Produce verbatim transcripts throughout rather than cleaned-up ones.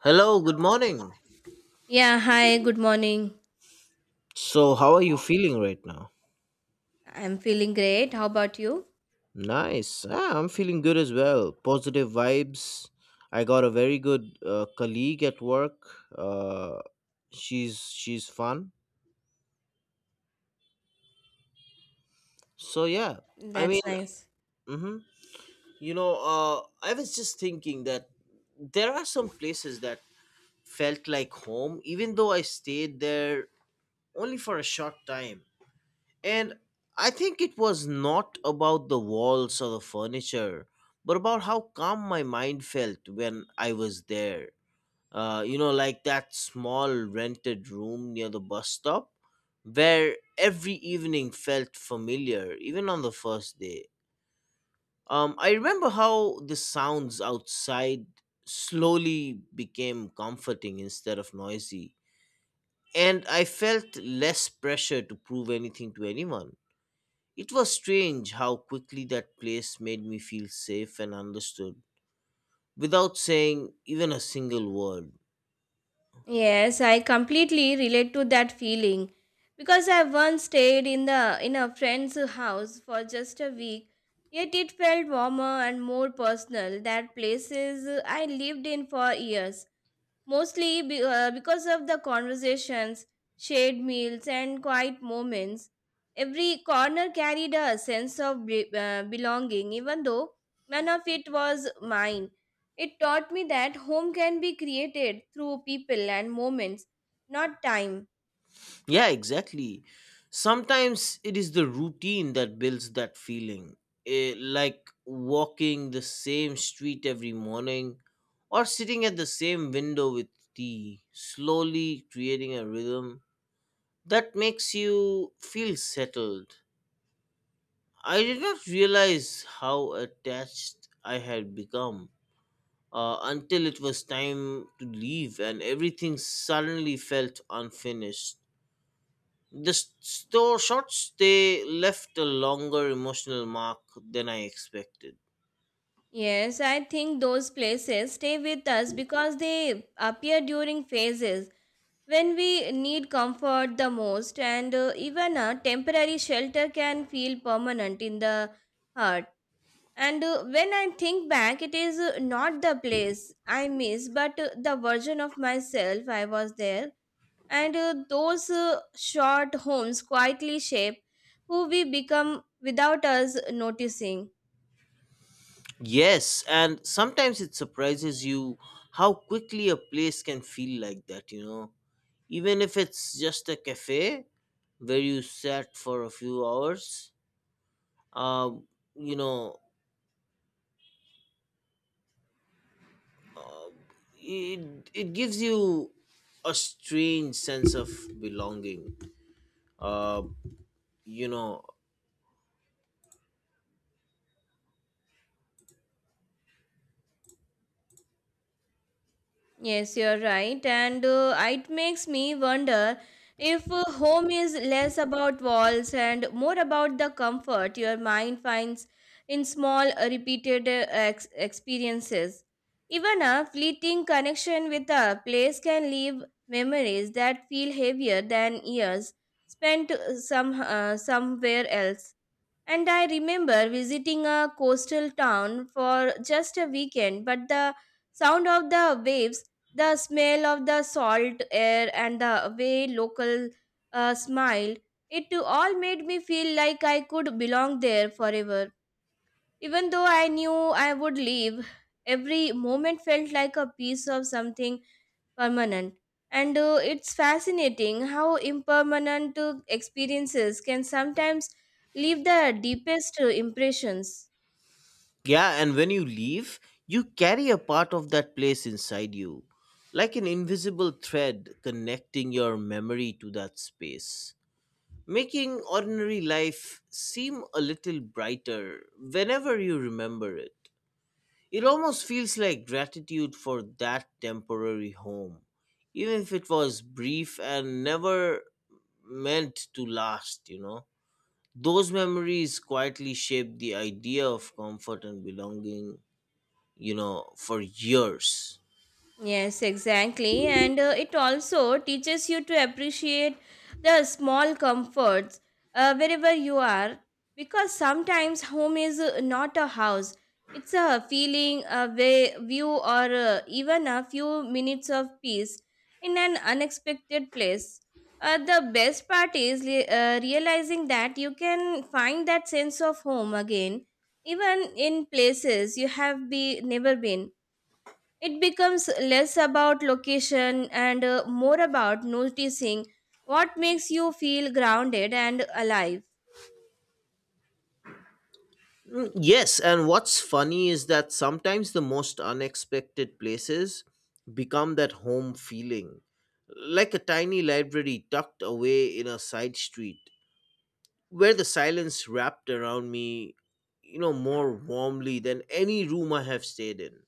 Hello, good morning. Yeah, hi, good morning. So, how are you feeling right now? I'm feeling great. How about you? Nice. Ah, I'm feeling good as well. Positive vibes. I got a very good uh, colleague at work. Uh, she's she's fun. So yeah, I mean, That's nice. hmm you know, uh, I was just thinking that there are some places that felt like home, even though I stayed there only for a short time. And I think it was not about the walls or the furniture, but about how calm my mind felt when I was there. Uh, you know, like that small rented room near the bus stop where every evening felt familiar, even on the first day. Um, I remember how the sounds outside slowly became comforting instead of noisy, and I felt less pressure to prove anything to anyone. It was strange how quickly that place made me feel safe and understood without saying even a single word. Yes, I completely relate to that feeling because I once stayed in the in a friend's house for just a week. Yet it felt warmer and more personal than places I lived in for years. Mostly be, uh, because of the conversations, shared meals, and quiet moments, every corner carried a sense of be- uh, belonging, even though none of it was mine. It taught me that home can be created through people and moments, not time. Yeah, exactly. Sometimes it is the routine that builds that feeling, eh, like walking the same street every morning or sitting at the same window with tea, slowly creating a rhythm that makes you feel settled. I did not realize how attached I had become uh, until it was time to leave and everything suddenly felt unfinished. The s- store short stay left a longer emotional mark than I expected. Yes, I think those places stay with us because they appear during phases when we need comfort the most, and uh, even a temporary shelter can feel permanent in the heart. And uh, when I think back, it is uh, not the place I miss but uh, the version of myself I was there. And uh, those uh, short homes quietly shape who we become without us noticing. Yes, and sometimes it surprises you how quickly a place can feel like that, you know. Even if it's just a cafe where you sat for a few hours, uh, you know, it, it gives you a strange sense of belonging. uh you know Yes, you're right. And uh, it makes me wonder if uh, home is less about walls and more about the comfort your mind finds in small, uh, repeated uh, ex- experiences. Even a fleeting connection with a place can leave memories that feel heavier than years spent uh, some, uh, somewhere else. And I remember visiting a coastal town for just a weekend, but the sound of the waves, the smell of the salt air, and the way local uh, smiled, it too all made me feel like I could belong there forever. Even though I knew I would leave, every moment felt like a piece of something permanent. And uh, it's fascinating how impermanent uh, experiences can sometimes leave the deepest uh, impressions. yeah, and when you leave, you carry a part of that place inside you, like an invisible thread connecting your memory to that space, making ordinary life seem a little brighter whenever you remember it. It almost feels like gratitude for that temporary home, even if it was brief and never meant to last you know Those memories quietly shaped the idea of comfort and belonging, you know, for years. Yes, exactly. And uh, it also teaches you to appreciate the small comforts uh, wherever you are, because sometimes home is uh, not a house. It's a feeling, a way, view, or uh, even a few minutes of peace in an unexpected place. Uh, the best part is re- uh, realizing that you can find that sense of home again, even in places you have be- never been. It becomes less about location and uh, more about noticing what makes you feel grounded and alive. Mm, yes, and what's funny is that sometimes the most unexpected places become that home feeling, like a tiny library tucked away in a side street, where the silence wrapped around me, you know, more warmly than any room I have stayed in.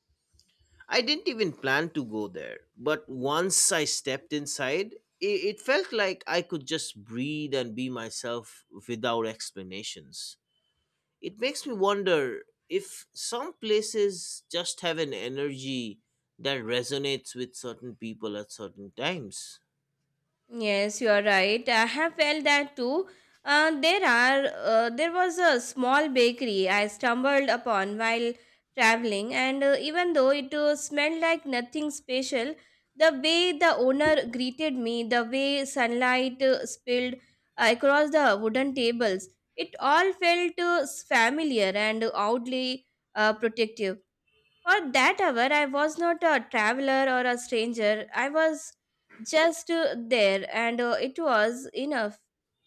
I didn't even plan to go there, but once I stepped inside, it, it felt like I could just breathe and be myself without explanations. It makes me wonder if some places just have an energy that resonates with certain people at certain times. Yes, you are right. I have felt that too. Uh, there are uh, there was a small bakery I stumbled upon while traveling, and uh, even though it uh, smelled like nothing special, the way the owner greeted me, the way sunlight uh, spilled uh, across the wooden tables, it all felt uh, familiar and oddly uh, protective. For that hour, I was not a traveler or a stranger. I was just uh, there, and uh, it was enough.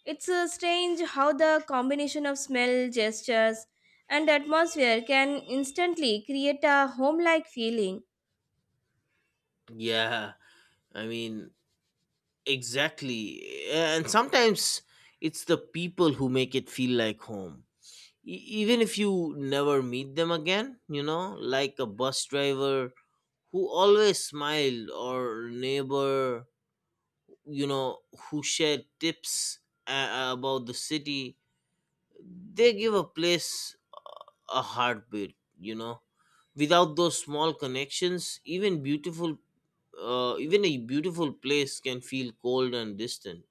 It's uh, strange how the combination of smell, gestures, and atmosphere can instantly create a home like feeling. Yeah, I mean, exactly. And sometimes it's the people who make it feel like home. E- Even if you never meet them again, you know, like a bus driver who always smiled, or neighbor, you know, who shared tips uh, about the city, they give a place a heartbeat, you know. Without those small connections, even beautiful uh, even a beautiful place can feel cold and distant.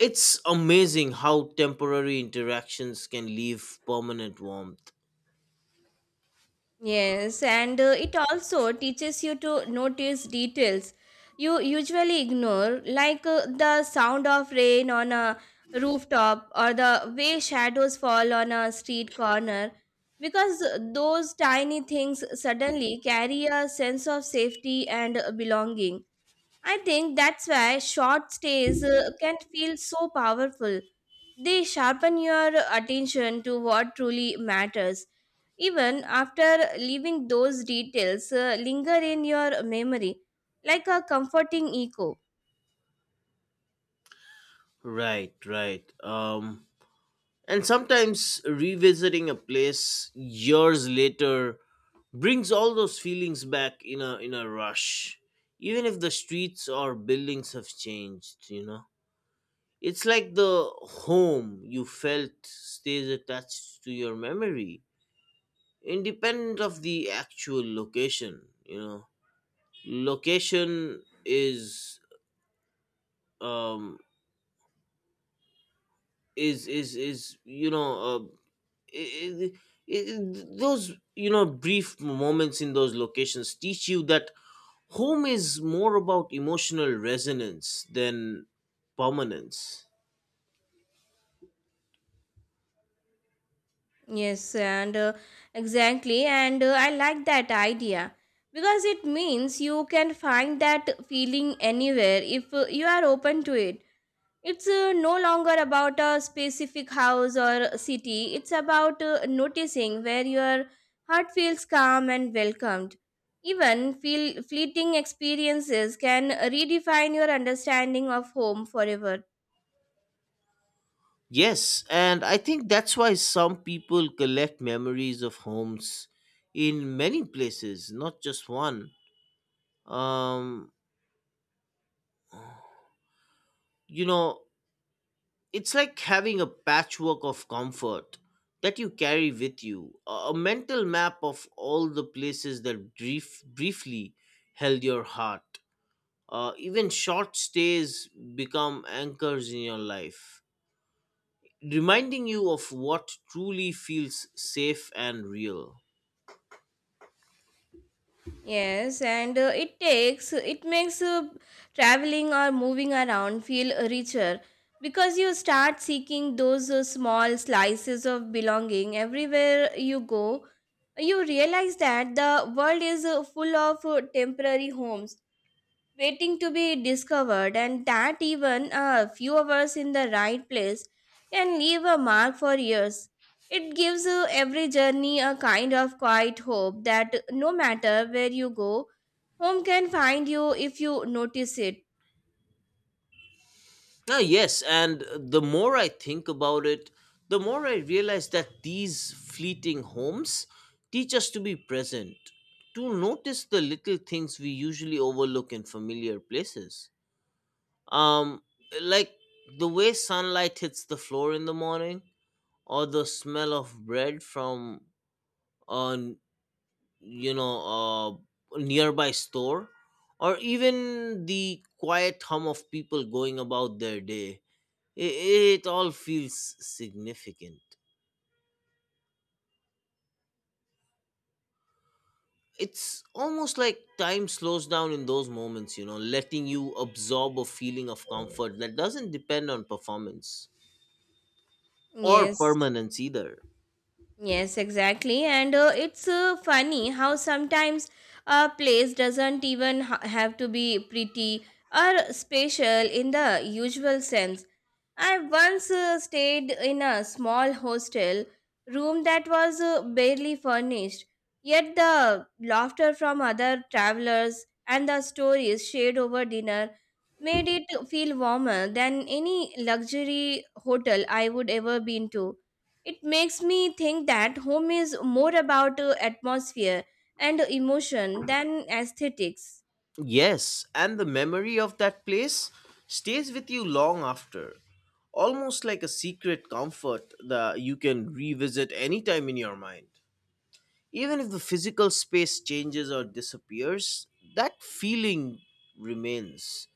It's amazing how temporary interactions can leave permanent warmth. Yes, and uh, it also teaches you to notice details you usually ignore, like uh, the sound of rain on a rooftop or the way shadows fall on a street corner, because those tiny things suddenly carry a sense of safety and uh, belonging. I think that's why short stays uh, can feel so powerful. They sharpen your attention to what truly matters. Even after leaving, those details, uh, linger in your memory like a comforting echo. Right, right. Um, and sometimes revisiting a place years later brings all those feelings back in a in a rush, even if the streets or buildings have changed. You know, it's like the home you felt stays attached to your memory, independent of the actual location. You know, location is um is is is you know uh, I- I- those you know brief moments in those locations teach you that home is more about emotional resonance than permanence. Yes, and uh, exactly, and uh, I like that idea because it means you can find that feeling anywhere if uh, you are open to it. It's uh, no longer about a specific house or city. It's about uh, noticing where your heart feels calm and welcomed. Even feel fleeting experiences can redefine your understanding of home forever. Yes, and I think that's why some people collect memories of homes in many places, not just one. um you know It's like having a patchwork of comfort that you carry with you, a a mental map of all the places that brief, briefly held your heart. Uh, even short stays become anchors in your life, reminding you of what truly feels safe and real. Yes, and uh, it takes it makes uh, traveling or moving around feel richer because you start seeking those uh, small slices of belonging everywhere you go. You realize that the world is uh, full of uh, temporary homes waiting to be discovered, and that even a few hours in the right place can leave a mark for years. It gives uh, every journey a kind of quiet hope that no matter where you go, home can find you if you notice it. Ah, yes, and the more I think about it, the more I realize that these fleeting homes teach us to be present, to notice the little things we usually overlook in familiar places. Um, like the way sunlight hits the floor in the morning, or the smell of bread from a you know a nearby store, or even the quiet hum of people going about their day, it all feels significant. It's almost like time slows down in those moments, you know, letting you absorb a feeling of comfort that doesn't depend on performance or Yes. permanence either. Yes, exactly. And uh, it's uh, funny how sometimes a place doesn't even ha- have to be pretty or special in the usual sense. I once uh, stayed in a small hostel room that was uh, barely furnished, yet the laughter from other travelers and the stories shared over dinner made it feel warmer than any luxury hotel I would ever been to. It makes me think that home is more about uh, atmosphere and emotion than aesthetics. Yes, and the memory of that place stays with you long after, almost like a secret comfort that you can revisit anytime in your mind. Even if the physical space changes or disappears, that feeling remains,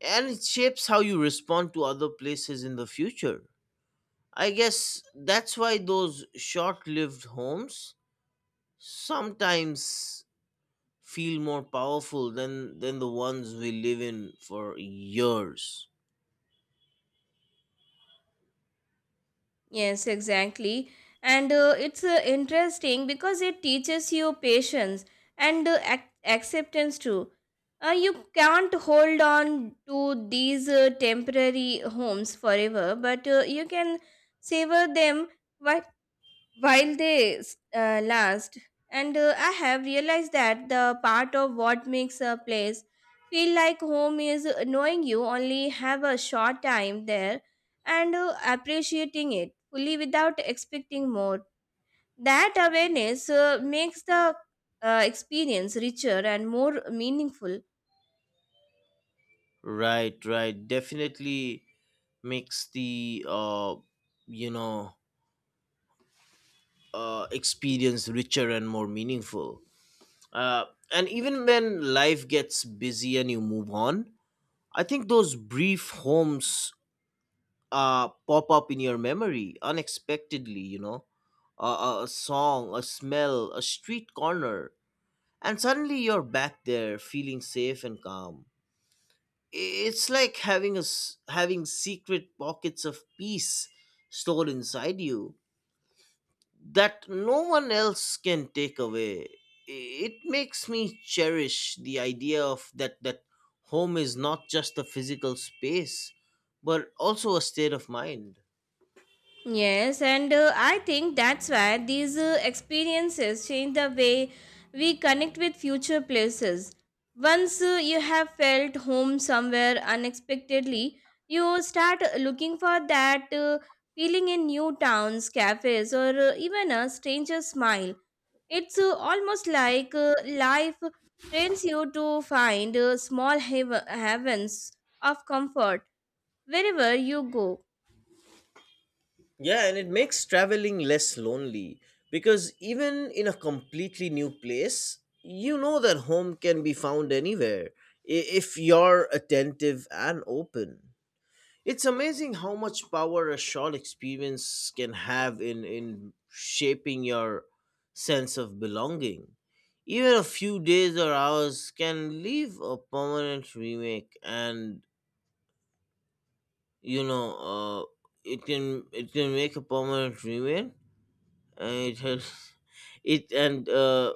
and it shapes how you respond to other places in the future. I guess that's why those short lived homes sometimes feel more powerful than, than the ones we live in for years. Yes, exactly. And uh, it's uh, interesting because it teaches you patience and uh, ac- acceptance too. Uh, you can't hold on to these uh, temporary homes forever, but uh, you can savor them while while they s- uh, last. And uh, I have realized that the part of what makes a place feel like home is knowing you only have a short time there, and uh, appreciating it fully without expecting more. That awareness uh, makes the uh, experience richer and more meaningful. Right, right. Definitely makes the, uh, you know, uh, experience richer and more meaningful. Uh, and even when life gets busy and you move on, I think those brief homes uh, pop up in your memory unexpectedly, you know, uh, a a song, a smell, a street corner, and suddenly you're back there feeling safe and calm. It's like having a, s- having secret pockets of peace stored inside you that no one else can take away. It makes me cherish the idea of that that home is not just a physical space, but also a state of mind. Yes, and uh, I think that's why these uh, experiences change the way we connect with future places. Once uh, you have felt home somewhere unexpectedly, you start looking for that uh, feeling in new towns, cafes, or uh, even a stranger's smile. It's uh, almost like uh, life trains you to find uh, small hav- heavens of comfort wherever you go. Yeah, and it makes traveling less lonely because even in a completely new place, you know that home can be found anywhere i- if you're attentive and open. It's amazing how much power a short experience can have in, in shaping your sense of belonging. Even a few days or hours can leave a permanent remake, and you know uh, it can, it can make a permanent remake. Uh, it has- it and uh,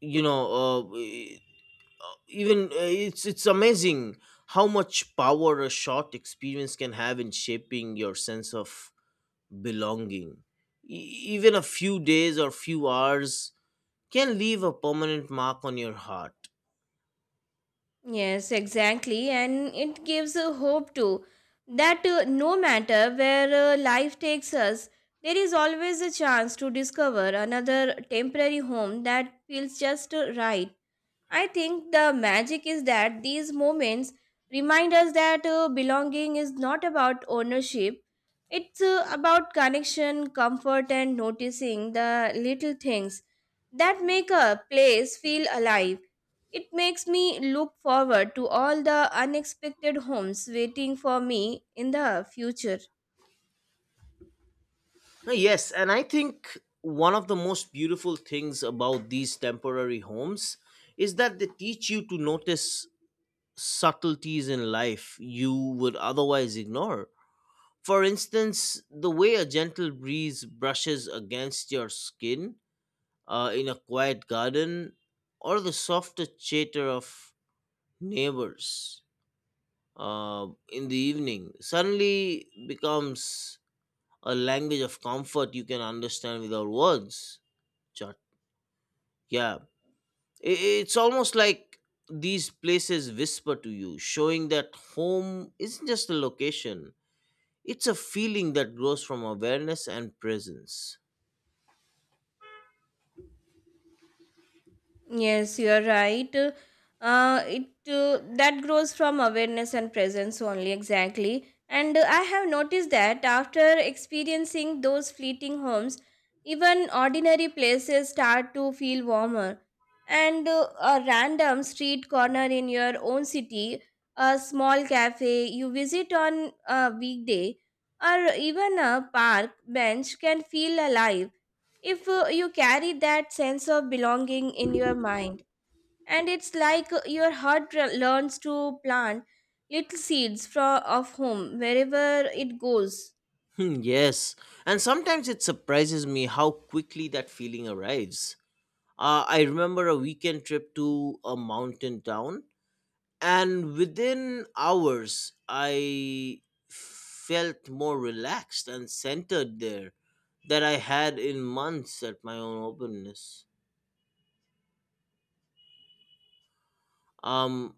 you know uh, e- even uh, it's it's amazing how much power a short experience can have in shaping your sense of belonging. E- even a few days or few hours can leave a permanent mark on your heart. Yes, exactly. And it gives a hope too that uh, no matter where uh, life takes us, there is always a chance to discover another temporary home that feels just uh, right. I think the magic is that these moments remind us that uh, belonging is not about ownership, it's uh, about connection, comfort, and noticing the little things that make a place feel alive. It makes me look forward to all the unexpected homes waiting for me in the future. Uh, yes, and I think one of the most beautiful things about these temporary homes is that they teach you to notice subtleties in life you would otherwise ignore. For instance, the way a gentle breeze brushes against your skin uh, in a quiet garden, or the softer chatter of neighbors uh, in the evening, suddenly becomes a language of comfort you can understand without words. Chut. Yeah, I- it's almost like these places whisper to you, showing that home isn't just a location, it's a feeling that grows from awareness and presence. Yes, you are right. Uh, it uh, that grows from awareness and presence only, exactly. And uh, I have noticed that after experiencing those fleeting homes, even ordinary places start to feel warmer. And uh, a random street corner in your own city, a small cafe you visit on a weekday, or even a park bench can feel alive if uh, you carry that sense of belonging in your mind. And it's like uh, your heart re- learns to plant little seeds from of home wherever it goes. Hmm, yes, and sometimes it surprises me how quickly that feeling arrives. Uh, I remember a weekend trip to a mountain town, and within hours, I felt more relaxed and centered there that I had in months at my own openness. Um,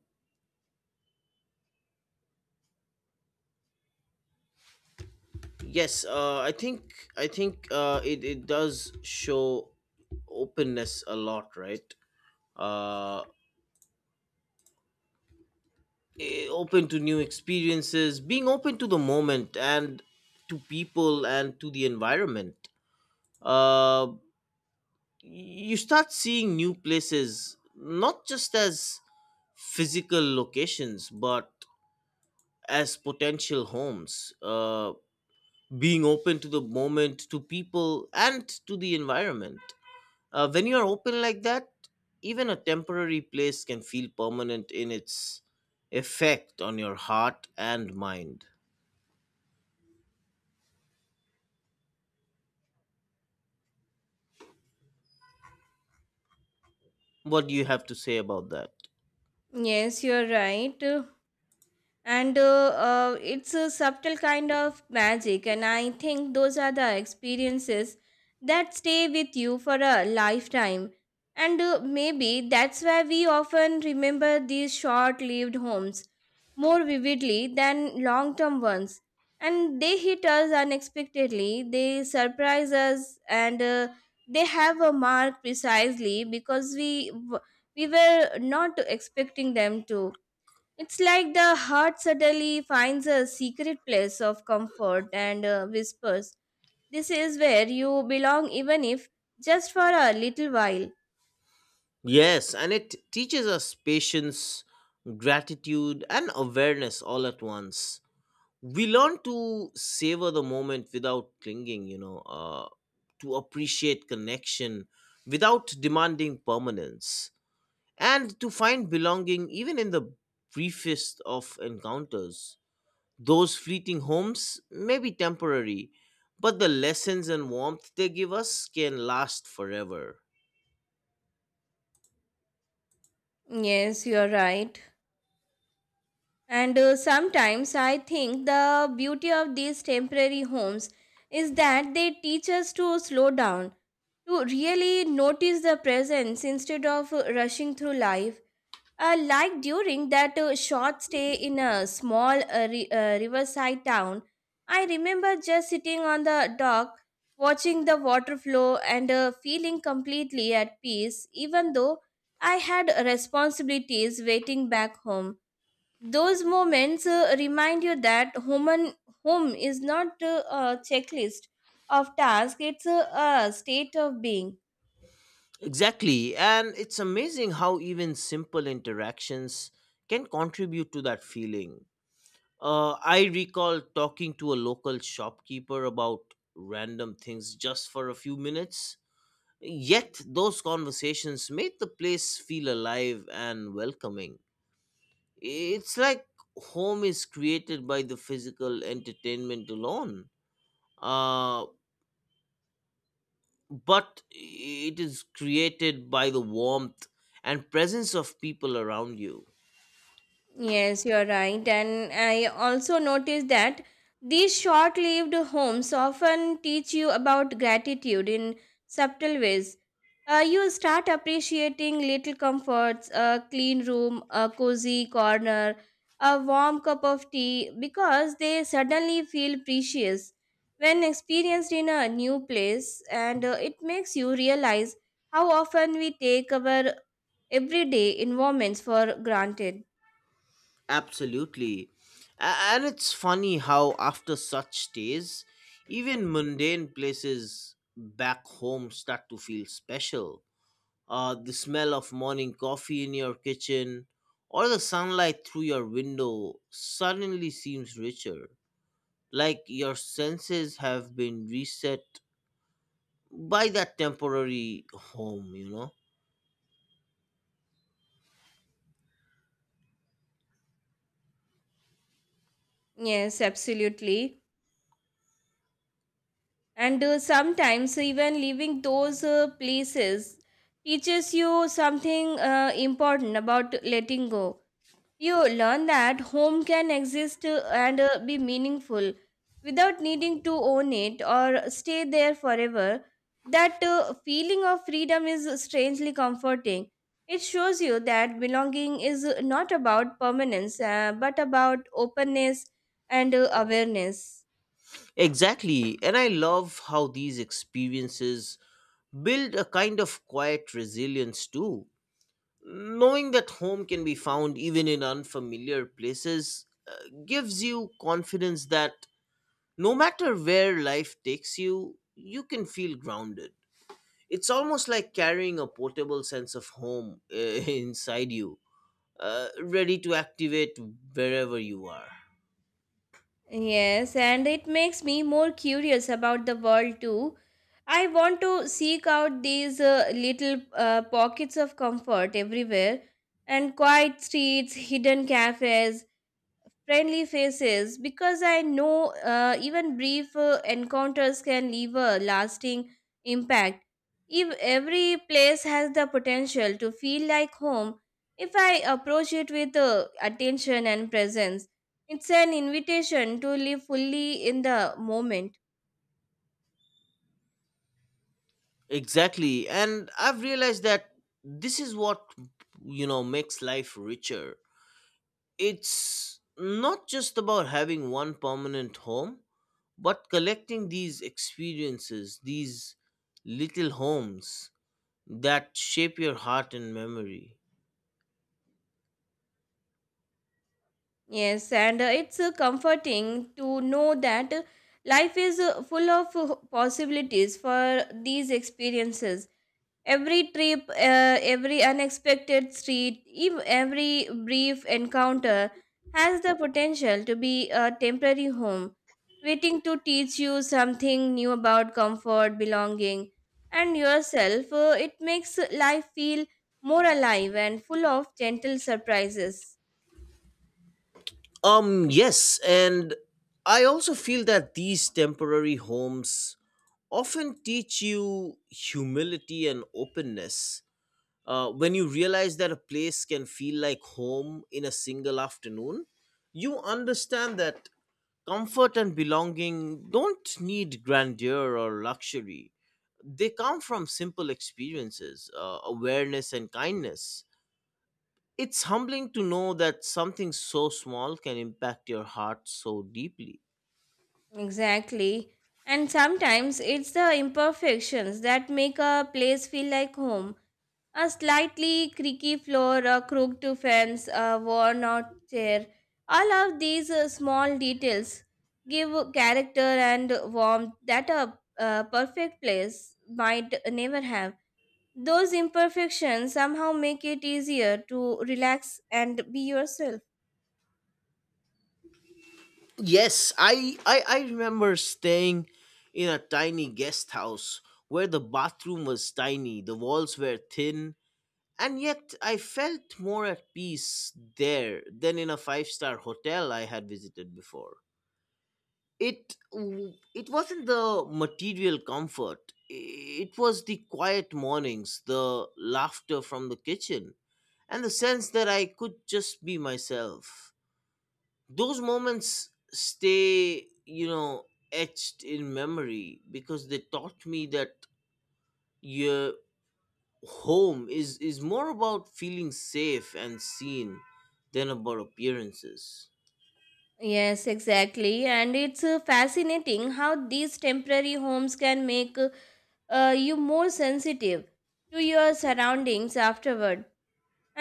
yes, uh, I think I think uh, it it does show openness a lot, right? Uh, eh, Open to new experiences, being open to the moment and to people and to the environment. Uh, you start seeing new places not just as physical locations but as potential homes. Uh, being open to the moment, to people, and to the environment. Uh, when you are open like that, even a temporary place can feel permanent in its effect on your heart and mind. What do you have to say about that? Yes, you're right, and uh, uh, it's a subtle kind of magic, and I think those are the experiences that stay with you for a lifetime. And uh, maybe that's why we often remember these short-lived homes more vividly than long-term ones. And they hit us unexpectedly, they surprise us, and uh, they have a mark precisely because we we were not expecting them to. It's like the heart suddenly finds a secret place of comfort and uh, whispers, "This is where you belong, even if just for a little while." Yes, and it teaches us patience, gratitude, and awareness all at once. We learn to savor the moment without clinging, you know, uh, to appreciate connection without demanding permanence, and to find belonging even in the briefest of encounters. Those fleeting homes may be temporary, but the lessons and warmth they give us can last forever. Yes, you're right. And uh, sometimes I think the beauty of these temporary homes is that they teach us to slow down, to really notice the presence instead of uh, rushing through life. Uh, like during that uh, short stay in a small uh, ri- uh, riverside town, I remember just sitting on the dock, watching the water flow and uh, feeling completely at peace, even though I had responsibilities waiting back home. Those moments uh, remind you that human home is not uh, a checklist of tasks, it's a, a state of being. Exactly. And it's amazing how even simple interactions can contribute to that feeling. Uh, I recall talking to a local shopkeeper about random things just for a few minutes. Yet, those conversations made the place feel alive and welcoming. It's like home is created by the physical entertainment alone. Uh, but it is created by the warmth and presence of people around you. Yes, you're right. And I also noticed that these short lived homes often teach you about gratitude in subtle ways. Uh, you start appreciating little comforts, a clean room, a cozy corner, a warm cup of tea, because they suddenly feel precious when experienced in a new place. And uh, it makes you realize how often we take our everyday environments for granted. Absolutely. A- And it's funny how, after such days, even mundane places back home start to feel special. Uh, the smell of morning coffee in your kitchen or the sunlight through your window suddenly seems richer. Like your senses have been reset by that temporary home, you know? Yes, absolutely. And uh, sometimes even leaving those uh, places teaches you something uh, important about letting go. You learn that home can exist uh, and uh, be meaningful without needing to own it or stay there forever. That uh, feeling of freedom is strangely comforting. It shows you that belonging is not about permanence, uh, but about openness and uh, awareness. Exactly. And I love how these experiences build a kind of quiet resilience too. Knowing that home can be found even in unfamiliar places uh, gives you confidence that no matter where life takes you, you can feel grounded. It's almost like carrying a portable sense of home uh, inside you, uh, ready to activate wherever you are. Yes, and it makes me more curious about the world too. I want to seek out these uh, little uh, pockets of comfort everywhere, and quiet streets, hidden cafes, friendly faces, because I know uh, even brief uh, encounters can leave a lasting impact. If every place has the potential to feel like home, if I approach it with uh, attention and presence, it's an invitation to live fully in the moment. Exactly. And I've realized that this is what, you know, makes life richer. It's not just about having one permanent home, but collecting these experiences, these little homes that shape your heart and memory. Yes, and uh, it's uh, comforting to know that uh, life is uh, full of uh, possibilities for these experiences. Every trip, uh, every unexpected street, ev- every brief encounter, has the potential to be a temporary home, waiting to teach you something new about comfort, belonging, and yourself. Uh, it makes life feel more alive and full of gentle surprises. Um, yes. And I also feel that these temporary homes often teach you humility and openness uh, when you realize that a place can feel like home in a single afternoon, you understand that comfort and belonging don't need grandeur or luxury. They come from simple experiences, uh, awareness, and kindness. It's humbling to know that something so small can impact your heart so deeply. Exactly. And sometimes it's the imperfections that make a place feel like home. A slightly creaky floor, a crooked fence, a worn out chair. All of these uh, small details give character and warmth that a uh, perfect place might never have. Those imperfections somehow make it easier to relax and be yourself. Yes, I, I, I remember staying in a tiny guest house where the bathroom was tiny, the walls were thin, and yet, I felt more at peace there than in a five star hotel I had visited before. It, w- it wasn't the material comfort, it was the quiet mornings, the laughter from the kitchen, and the sense that I could just be myself. Those moments stay, you know, etched in memory because they taught me that you home is is more about feeling safe and seen than about appearances. Yes, exactly. And it's uh, fascinating how these temporary homes can make uh, you more sensitive to your surroundings afterward.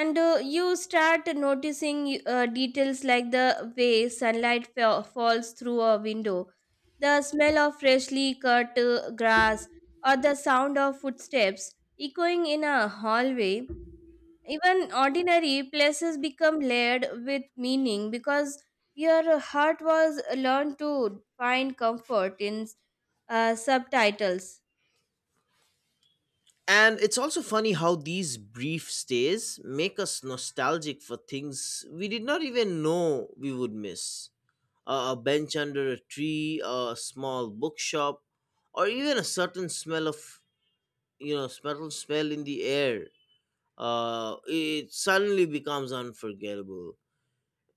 and uh, you start noticing uh, details like the way sunlight fa- falls through a window, the smell of freshly cut uh, grass, or the sound of footsteps echoing in a hallway. Even ordinary places become layered with meaning because your heart was learned to find comfort in uh, subtitles. And it's also funny how these brief stays make us nostalgic for things we did not even know we would miss. A a bench under a tree, a small bookshop, or even a certain smell of you know smell smell in the air. Uh, it suddenly becomes unforgettable.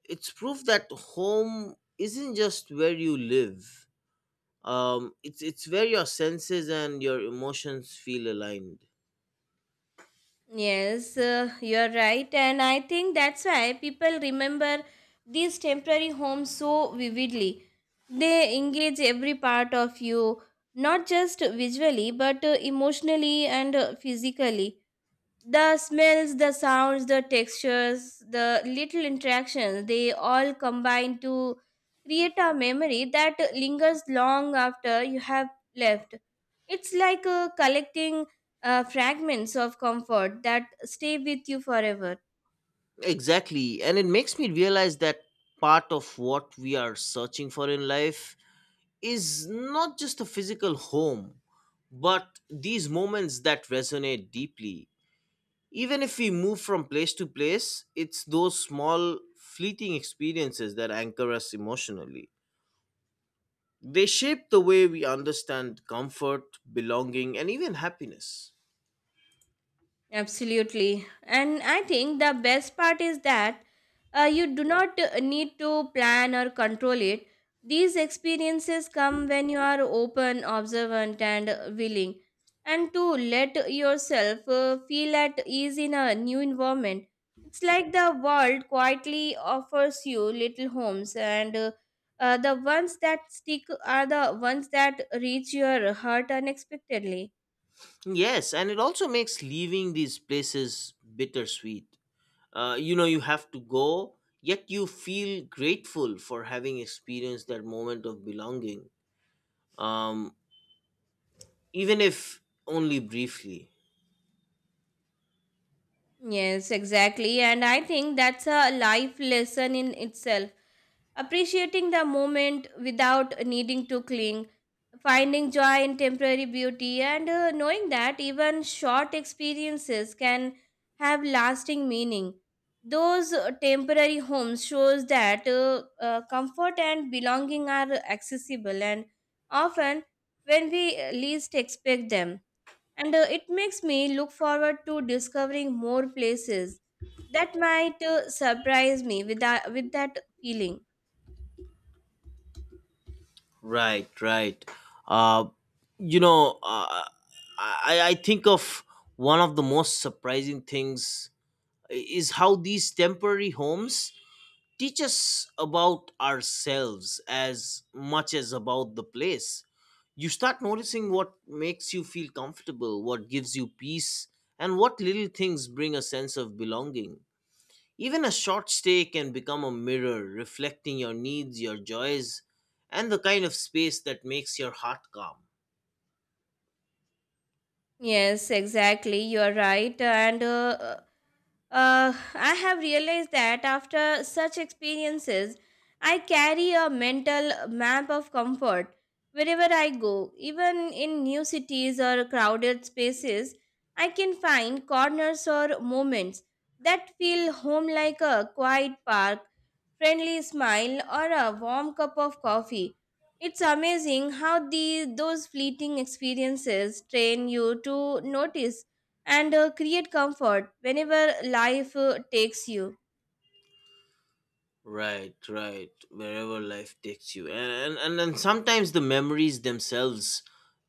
It's proof that home isn't just where you live. Um it's it's where your senses and your emotions feel aligned. Yes, uh, you're right. And I think that's why people remember these temporary homes so vividly. They engage every part of you, not just visually, but uh, emotionally and uh, physically. The smells, the sounds, the textures, the little interactions, they all combine to create a memory that lingers long after you have left. It's like uh, collecting uh, fragments of comfort that stay with you forever. Exactly. And it makes me realize that part of what we are searching for in life is not just a physical home, but these moments that resonate deeply. Even if we move from place to place, it's those small fleeting experiences that anchor us emotionally. They shape the way we understand comfort, belonging, and even happiness. Absolutely. And I think the best part is that uh, you do not uh, need to plan or control it. These experiences come when you are open, observant, and uh, willing. And to let yourself uh, feel at ease in a new environment. It's like the world quietly offers you little homes, and uh, uh, the ones that stick are the ones that reach your heart unexpectedly. Yes, and it also makes leaving these places bittersweet. Uh, you know, you have to go, yet you feel grateful for having experienced that moment of belonging, um, even if only briefly. Yes, exactly. And I think that's a life lesson in itself. Appreciating the moment without needing to cling, finding joy in temporary beauty, and uh, knowing that even short experiences can have lasting meaning. Those uh, temporary homes shows that uh, uh, comfort and belonging are accessible, and often when we least expect them. And uh, it makes me look forward to discovering more places that might uh, surprise me with that, with that feeling. Right, right. Uh, you know, uh, I, I think of one of the most surprising things is how these temporary homes teach us about ourselves as much as about the place. You start noticing what makes you feel comfortable, what gives you peace, and what little things bring a sense of belonging. Even a short stay can become a mirror reflecting your needs, your joys, and the kind of space that makes your heart calm. Yes, exactly, you are right. And uh, uh, I have realized that after such experiences, I carry a mental map of comfort wherever I go. Even in new cities or crowded spaces, I can find corners or moments that feel home, like a quiet park, friendly smile, or a warm cup of coffee. It's amazing how the, those fleeting experiences train you to notice and uh, create comfort whenever life uh, takes you. Right, right. Wherever life takes you. And and, and then sometimes the memories themselves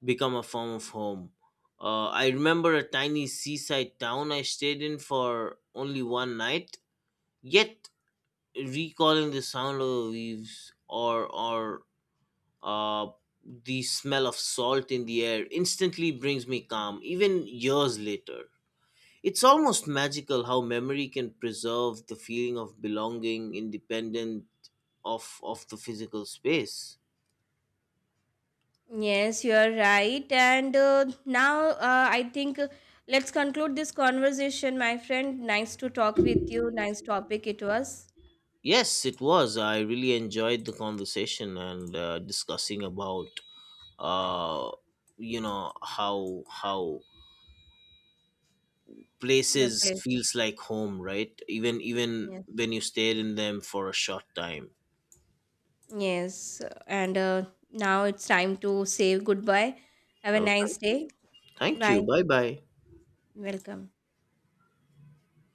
become a form of home. Uh, I remember a tiny seaside town I stayed in for only one night, yet recalling the sound of the leaves or or uh the smell of salt in the air instantly brings me calm, even years later. It's almost magical how memory can preserve the feeling of belonging, independence of of the physical space. Yes, you are right. And uh, now uh, I think uh, let's conclude this conversation, my friend. Nice to talk with you. Nice topic it was. Yes, it was. I really enjoyed the conversation and uh, discussing about uh you know how how The places place. feels like home, right? Even even Yes. when you stayed in them for a short time. Yes. And uh, now it's time to say goodbye. Have a Well, nice thank you. day. Thank Bye. you. Bye bye. Welcome.